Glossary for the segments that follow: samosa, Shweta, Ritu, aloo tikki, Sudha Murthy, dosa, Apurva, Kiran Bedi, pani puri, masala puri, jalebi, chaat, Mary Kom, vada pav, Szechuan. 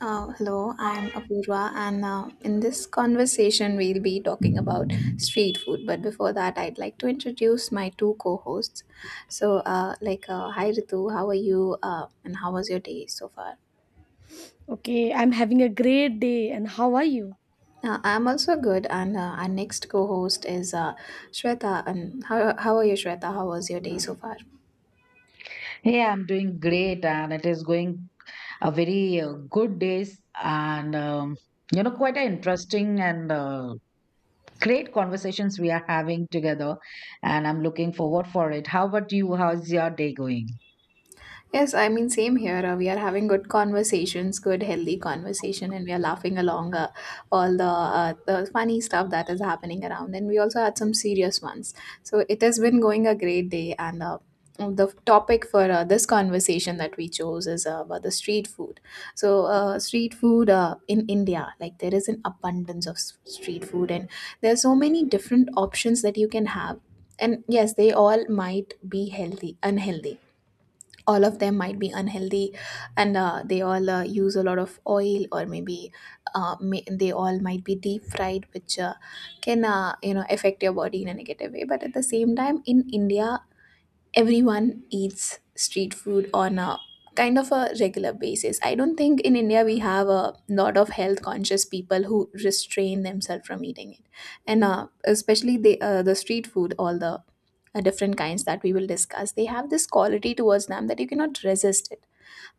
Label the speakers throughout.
Speaker 1: Hello, I'm Apurva, and in this conversation, we'll be talking about street food. But before that, I'd like to introduce my two co hosts. Hi Ritu, how are you, and how was your day so far?
Speaker 2: Okay, I'm having a great day. And how are you?
Speaker 1: I'm also good, and our next co host is Shweta. And how are you, Shweta? How was your day so far?
Speaker 3: Hey, I'm doing great, and it is going a very good days, and quite an interesting and great conversations we are having together, and I'm looking forward for it. How about you? How's your day going?
Speaker 1: Yes, I mean, same here. We are having good conversations, good, healthy conversation, and we are laughing along all the funny stuff that is happening around. And we also had some serious ones. So it has been going a great day. And the topic for this conversation that we chose is about the street food. So street food in India, like there is an abundance of street food, and there are so many different options that you can have. And yes, they all might be healthy, unhealthy, all of them might be unhealthy, and they all use a lot of oil, or maybe they all might be deep fried, which can you know affect your body in a negative way, but at the same time in india everyone eats street food on a kind of a regular basis. I don't think in India we have a lot of health conscious people who restrain themselves from eating it, and especially the street food, all the different kinds that we will discuss, they have this quality towards them that you cannot resist it,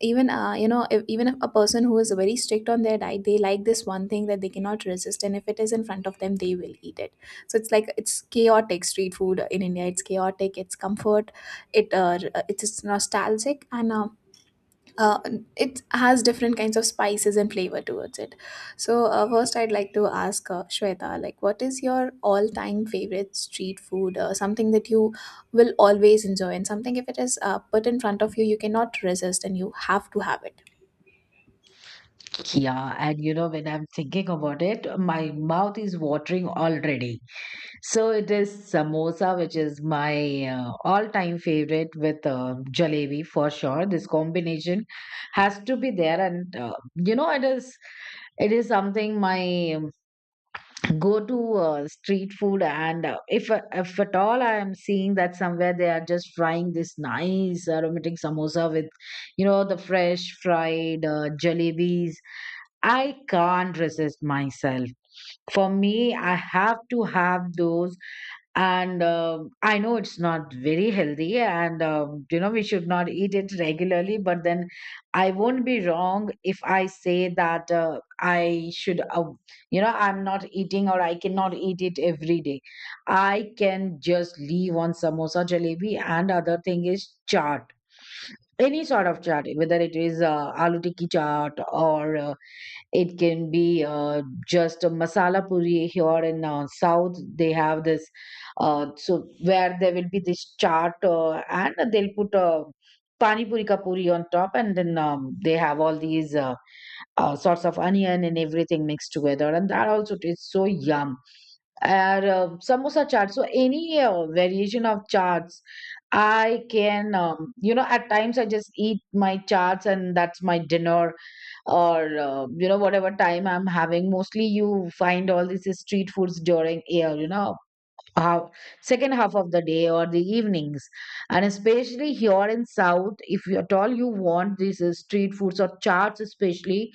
Speaker 1: even you know if, even if a person who is very strict on their diet, they like this one thing that they cannot resist, and if it is in front of them they will eat it. So it's like it's chaotic, street food in india it's chaotic, it's comfort, it it's nostalgic, and uh, it has different kinds of spices and flavor towards it. So first, I'd like to ask Shweta, like, what is your all-time favorite street food? Something that you will always enjoy, and something if it is put in front of you, you cannot resist, and you have to have it.
Speaker 3: Yeah, and you know, when I'm thinking about it, my mouth is watering already. So it is samosa, which is my all-time favorite with jalebi for sure. This combination has to be there, and it is something my go-to street food. And if at all I am seeing that somewhere they are just frying this nice aromatic samosa with, you know, the fresh fried jalebis. I can't resist myself. For me, I have to have those, and I know it's not very healthy, and you know we should not eat it regularly. But then, I won't be wrong if I say that I should, I'm not eating or I cannot eat it every day. I can just leave on samosa, jalebi, and other thing is chaat. Any sort of chaat, whether it is aloo tikki chaat or it can be just a masala puri here in South. They have this, so where there will be this chaat and they'll put a pani puri ka puri on top, and then they have all these sorts of onion and everything mixed together, and that also tastes so yum. And samosa chaat. So any variation of chaats. I can, at times I just eat my charts and that's my dinner or you know whatever time I'm having. Mostly you find all these street foods during year, you know, how second half of the day or the evenings. And especially here in south, if you at all you want these street foods or charts especially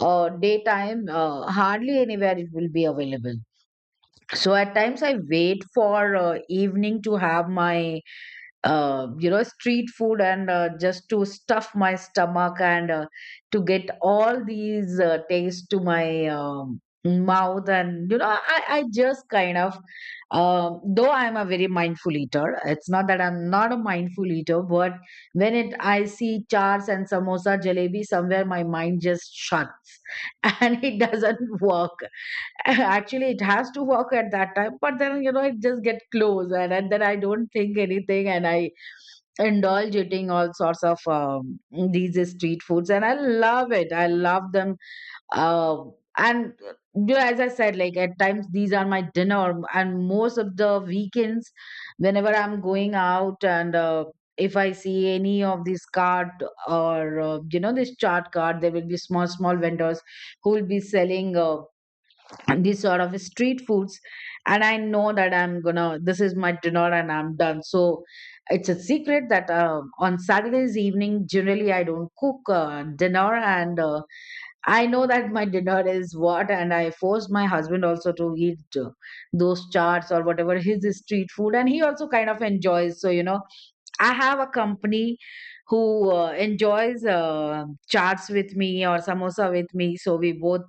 Speaker 3: daytime, hardly anywhere it will be available. So at times I wait for evening to have my street food and just to stuff my stomach and to get all these taste to my mouth. And I just kind of though I'm a very mindful eater, it's not that I'm not a mindful eater, but when it I see charts and samosa jalebi somewhere, my mind just shuts and it doesn't work. Actually it has to work at that time, but then you know it just get close, and then I don't think anything and I indulge eating all sorts of these street foods and I love it, I love them. uh, and you know, as I said, like at times these are my dinner, and most of the weekends whenever I'm going out, and if I see any of these cart or you know this chart cart, there will be small vendors who will be selling and these sort of street foods. And I know that I'm gonna, this is my dinner and I'm done. So it's a secret that on saturdays evening generally I don't cook dinner, and I know that my dinner is what, and I force my husband also to eat those charts or whatever his street food, and he also kind of enjoys, so you know I have a company who enjoys charts with me or samosa with me. So we both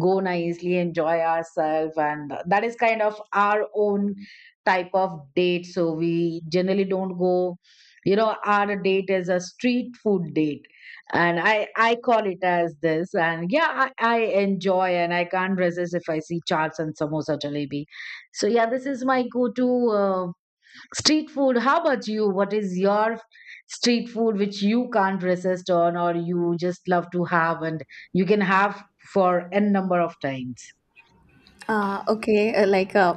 Speaker 3: go nicely, enjoy ourselves. And that is kind of our own type of date. So we generally don't go, you know, our date is a street food date. And I call it as this. And yeah, I enjoy and I can't resist if I see charts and samosa jalebi. So yeah, this is my go to. Street food, how about you? What is your street food which you can't resist on or you just love to have and you can have for n number of times?
Speaker 1: Uh, okay, uh, like uh,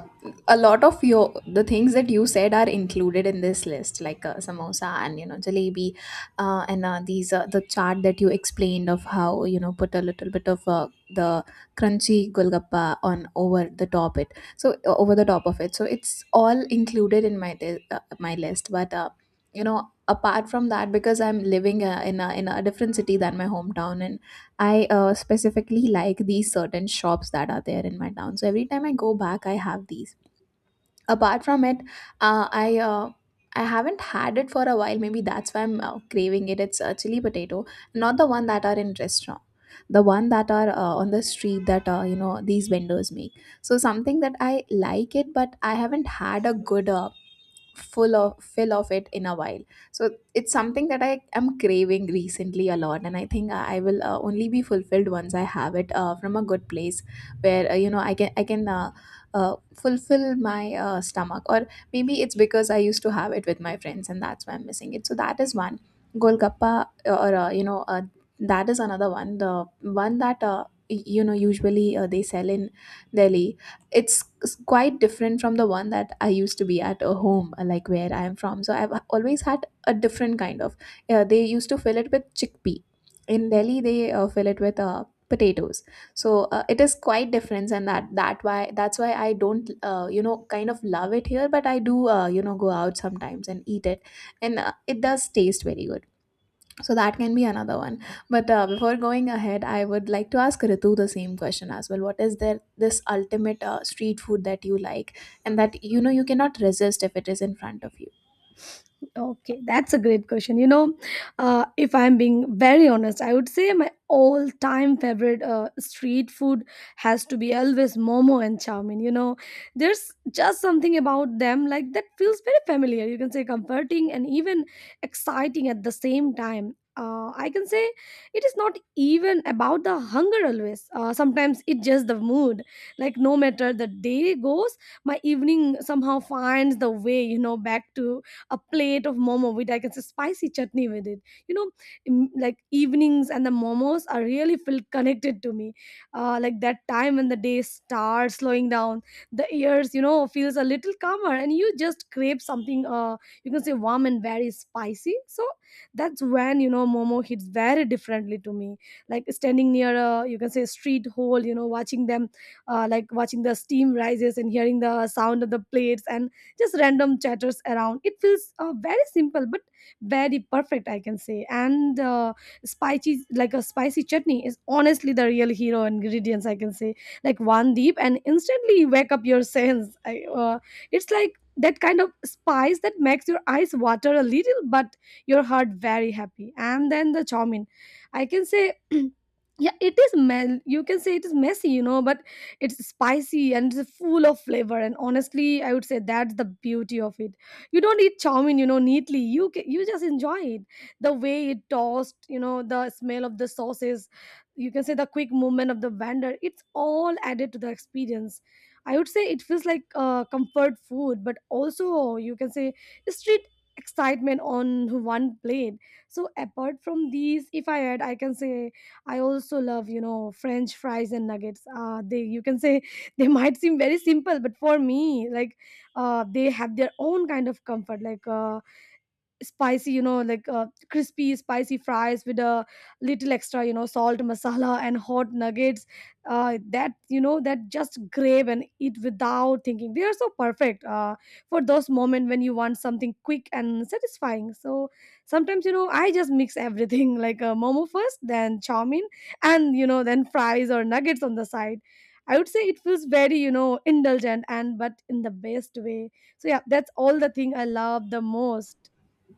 Speaker 1: a lot of your the things that you said are included in this list, like samosa and you know jalebi, and these the chart that you explained of how you know put a little bit of the crunchy golgappa on over the top it, so over the top of it. So it's all included in my my list, but you know apart from that, because I'm living in a different city than my hometown, and I specifically like these certain shops that are there in my town. So every time I go back, I have these. Apart from it, uh, I uh, I haven't had it for a while. Maybe that's why I'm craving it. It's chili potato, not the one that are in restaurant, the one that are on the street that you know these vendors make. So something that I like it, but I haven't had a good full of fill of it in a while, so it's something that I am craving recently a lot, and i think I will only be fulfilled once I have it from a good place where you know i can uh, fulfill my stomach, or maybe it's because I used to have it with my friends and that's why I'm missing it. So that is one. Golgappa, or you know that is another one, the one that you know usually they sell in delhi. It's quite different from the one that I used to be at a home, like where I am from. So I've always had a different kind of. They used to fill it with chickpea. In Delhi, they fill it with potatoes. So it is quite different, and that's why I don't you know kind of love it here, but I do you know go out sometimes and eat it, and it does taste very good, so that can be another one. But before going ahead, I would like to ask Ritu the same question as well. What is there this ultimate street food that you like, and that you know you cannot resist if it is in front of you?
Speaker 2: Okay, that's a great question. You know, if I'm being very honest, I would say my all-time favorite street food has to be always momo and chow mein. You know, there's just something about them like that feels very familiar. You can say comforting and even exciting at the same time. I can say it is not even about the hunger always. Sometimes it's just the mood. Like no matter the day goes, my evening somehow finds the way. You know, back to a plate of momo with like it's a spicy chutney with it, you know, like evenings and the momos are really feel connected to me, like that time when the day starts slowing down, the ears you know feels a little calmer and you just crave something, you can say warm and very spicy. So that's when you know momo hits very differently to me, like standing near a you can say street hole, you know, watching them, like watching the steam rises and hearing the sound of the plates and just random chatters around. It feels very simple but very perfect, I can say. And spicy, like a spicy chutney is honestly the real hero ingredients, I can say. Like one deep and instantly you wake up your sense. It's like that kind of spice that makes your eyes water a little but your heart very happy. And then the chow mein, I can say yeah, it is mel, you can say it is messy, you know, but it's spicy and it's full of flavor. And honestly, I would say that's the beauty of it. You don't eat chow mein, you know, neatly. You just enjoy it. The way it tossed, you know, the smell of the sauces, you can say the quick movement of the vendor. It's all added to the experience. I would say it feels like comfort food, but also you can say street excitement on one plate. So apart from these, if I add, I can say I also love, you know, French fries and nuggets. They you can say they might seem very simple, but for me, like, they have their own kind of comfort. Like, spicy, you know, like, crispy spicy fries with a little extra, you know, salt masala and hot nuggets, that you know that just grab and eat without thinking. They are so perfect for those moments when you want something quick and satisfying. So sometimes you know I just mix everything like a momo first, then chow mein, and you know then fries or nuggets on the side. I would say it feels very you know indulgent and but in the best way. So yeah, that's all the thing I love the most.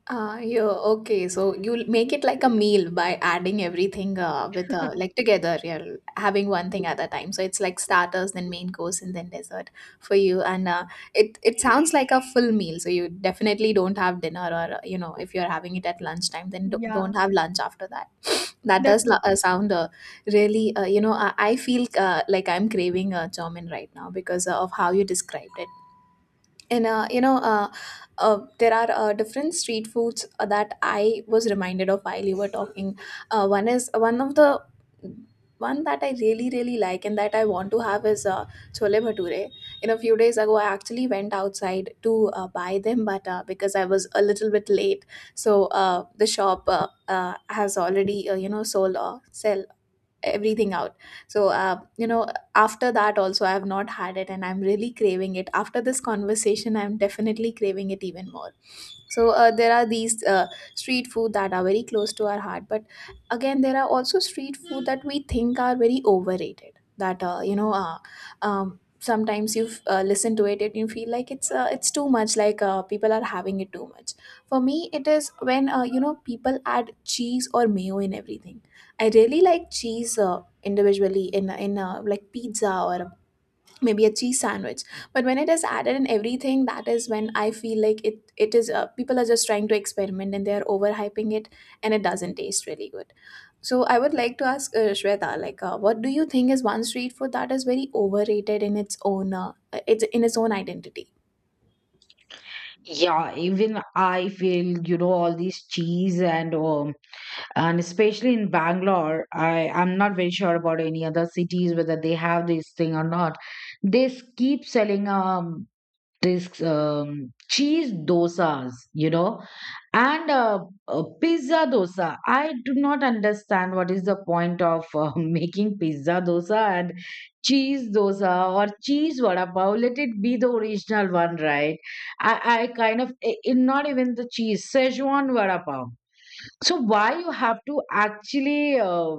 Speaker 1: Yeah, okay. So you'll make it like a meal by adding everything with like together. You're having one thing at a time. So it's like starters, then main course, and then dessert for you. And it sounds like a full meal. So you definitely don't have dinner, or you know, if you're having it at lunchtime, then don't
Speaker 2: Yeah,
Speaker 1: have lunch after that. That does
Speaker 2: definitely.
Speaker 1: sound really. You know, I feel like I'm craving chomin right now because of how you described it, and there are different street foods that I was reminded of while you were talking. One is one of the one that I really really like, and that I want to have is chole bhature. You know a few days ago I actually went outside to buy them, but because I was a little bit late, so the shop uh, has already you know sold or sell everything out. So you know after that also I have not had it, and I'm really craving it. After this conversation I'm definitely craving it even more. So there are these street food that are very close to our heart, but again there are also street food that we think are very overrated, that sometimes you listen to it and you feel like it's too much, like people are having it too much. For me it is when you know people add cheese or mayo in everything. I really like cheese individually, in like pizza, or maybe a cheese sandwich, but when it is added in everything, that is when I feel like it is people are just trying to experiment and they are overhyping it, and it doesn't taste really good. So I would like to ask shweta, like what do you think is one street food that is very overrated in its own it's in its own identity?
Speaker 3: Yeah, even I feel, you know, all these cheese and especially in bangalore I'm not very sure about any other cities whether they have this thing or not. They keep selling this cheese dosas, you know, and pizza dosa. I do not understand what is the point of making pizza dosa and cheese dosa or cheese vada pav. Let it be the original one, right? I kind of, not even the cheese, Szechuan vada pav. So why you have to actually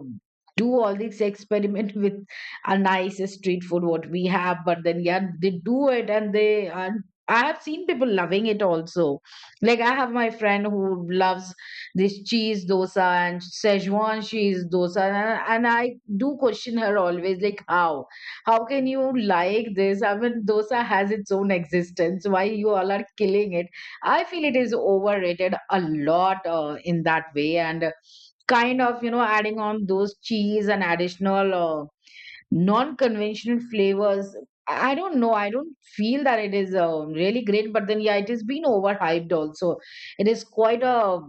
Speaker 3: do all this experiment with a nice street food what we have? But then yeah, they do it, and they, and I have seen people loving it also. Like I have my friend who loves this cheese dosa and Szechuan cheese dosa, and I do question her always, like how can you like this? I mean, dosa has its own existence. Why you all are killing it? I feel it is overrated a lot in that way, and kind of you know adding on those cheese and additional non-conventional flavors. I don't know. I don't feel that it is really great, but then yeah, it has been overhyped also. It is quite a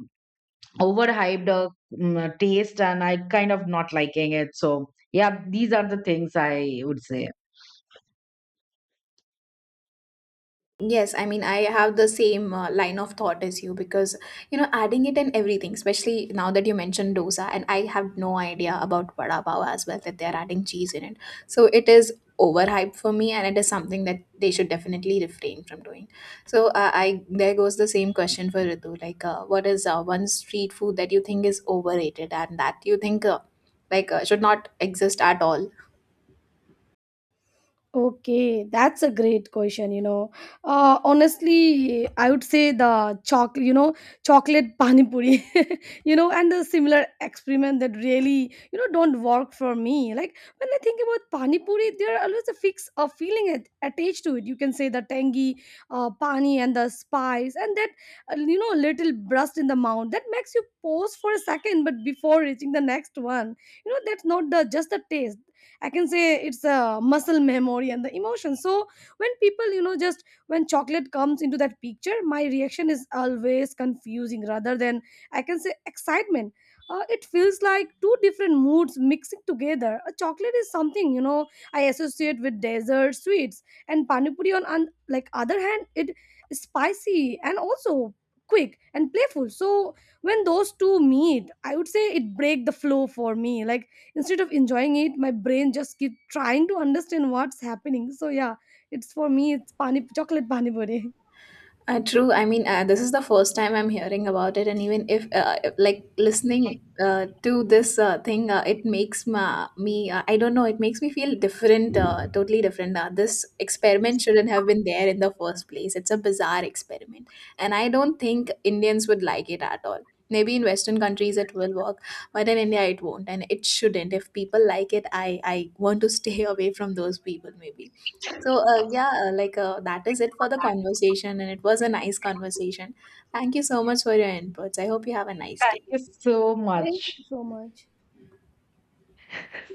Speaker 3: overhyped taste, and I kind of not liking it. So yeah, these are the things I would say.
Speaker 1: Yes, I mean, I have the same line of thought as you, because you know, adding it and everything, especially now that you mentioned dosa, and I have no idea about vada pav as well, that they're adding cheese in it. So it is overhyped for me, and it is something that they should definitely refrain from doing. So I there goes the same question for Ritu, like, what is one street food that you think is overrated, and that you think should not exist at all?
Speaker 2: Okay, that's a great question, you know. Honestly, I would say the chocolate, you know, chocolate pani puri, you know, and the similar experiment that really, you know, don't work for me. Like when I think about pani puri, there are always a fix a feeling at, attached to it. You can say the tangy pani and the spice and that, you know, little burst in the mouth that makes you pause for a second, but before reaching the next one, you know, that's not the just the taste. I can say it's a muscle memory and the emotion. So when people you know just when chocolate comes into that picture, my reaction is always confusing rather than I can say excitement. It feels like two different moods mixing together. A chocolate is something you know I associate with dessert sweets, and panipuri on like other hand it is spicy and also quick and playful. So when those two meet, I would say it break the flow for me. Like instead of enjoying it, my brain just keep trying to understand what's happening. So yeah, it's for me, it's pani chocolate pani puri.
Speaker 1: True. I mean, this is the first time I'm hearing about it, and even if, like, listening to this thing, it makes me, I don't know, it makes me feel different, totally different. This experiment shouldn't have been there in the first place. It's a bizarre experiment, and I don't think Indians would like it at all. Maybe in Western countries it will work, but in India it won't, and it shouldn't. If people like it, I want to stay away from those people. Maybe. So, that is it for the conversation, and it was a nice conversation. Thank you so much for your inputs. I hope you have a nice
Speaker 3: Thank
Speaker 1: day.
Speaker 3: you so
Speaker 2: Thank
Speaker 3: much.
Speaker 2: you so much.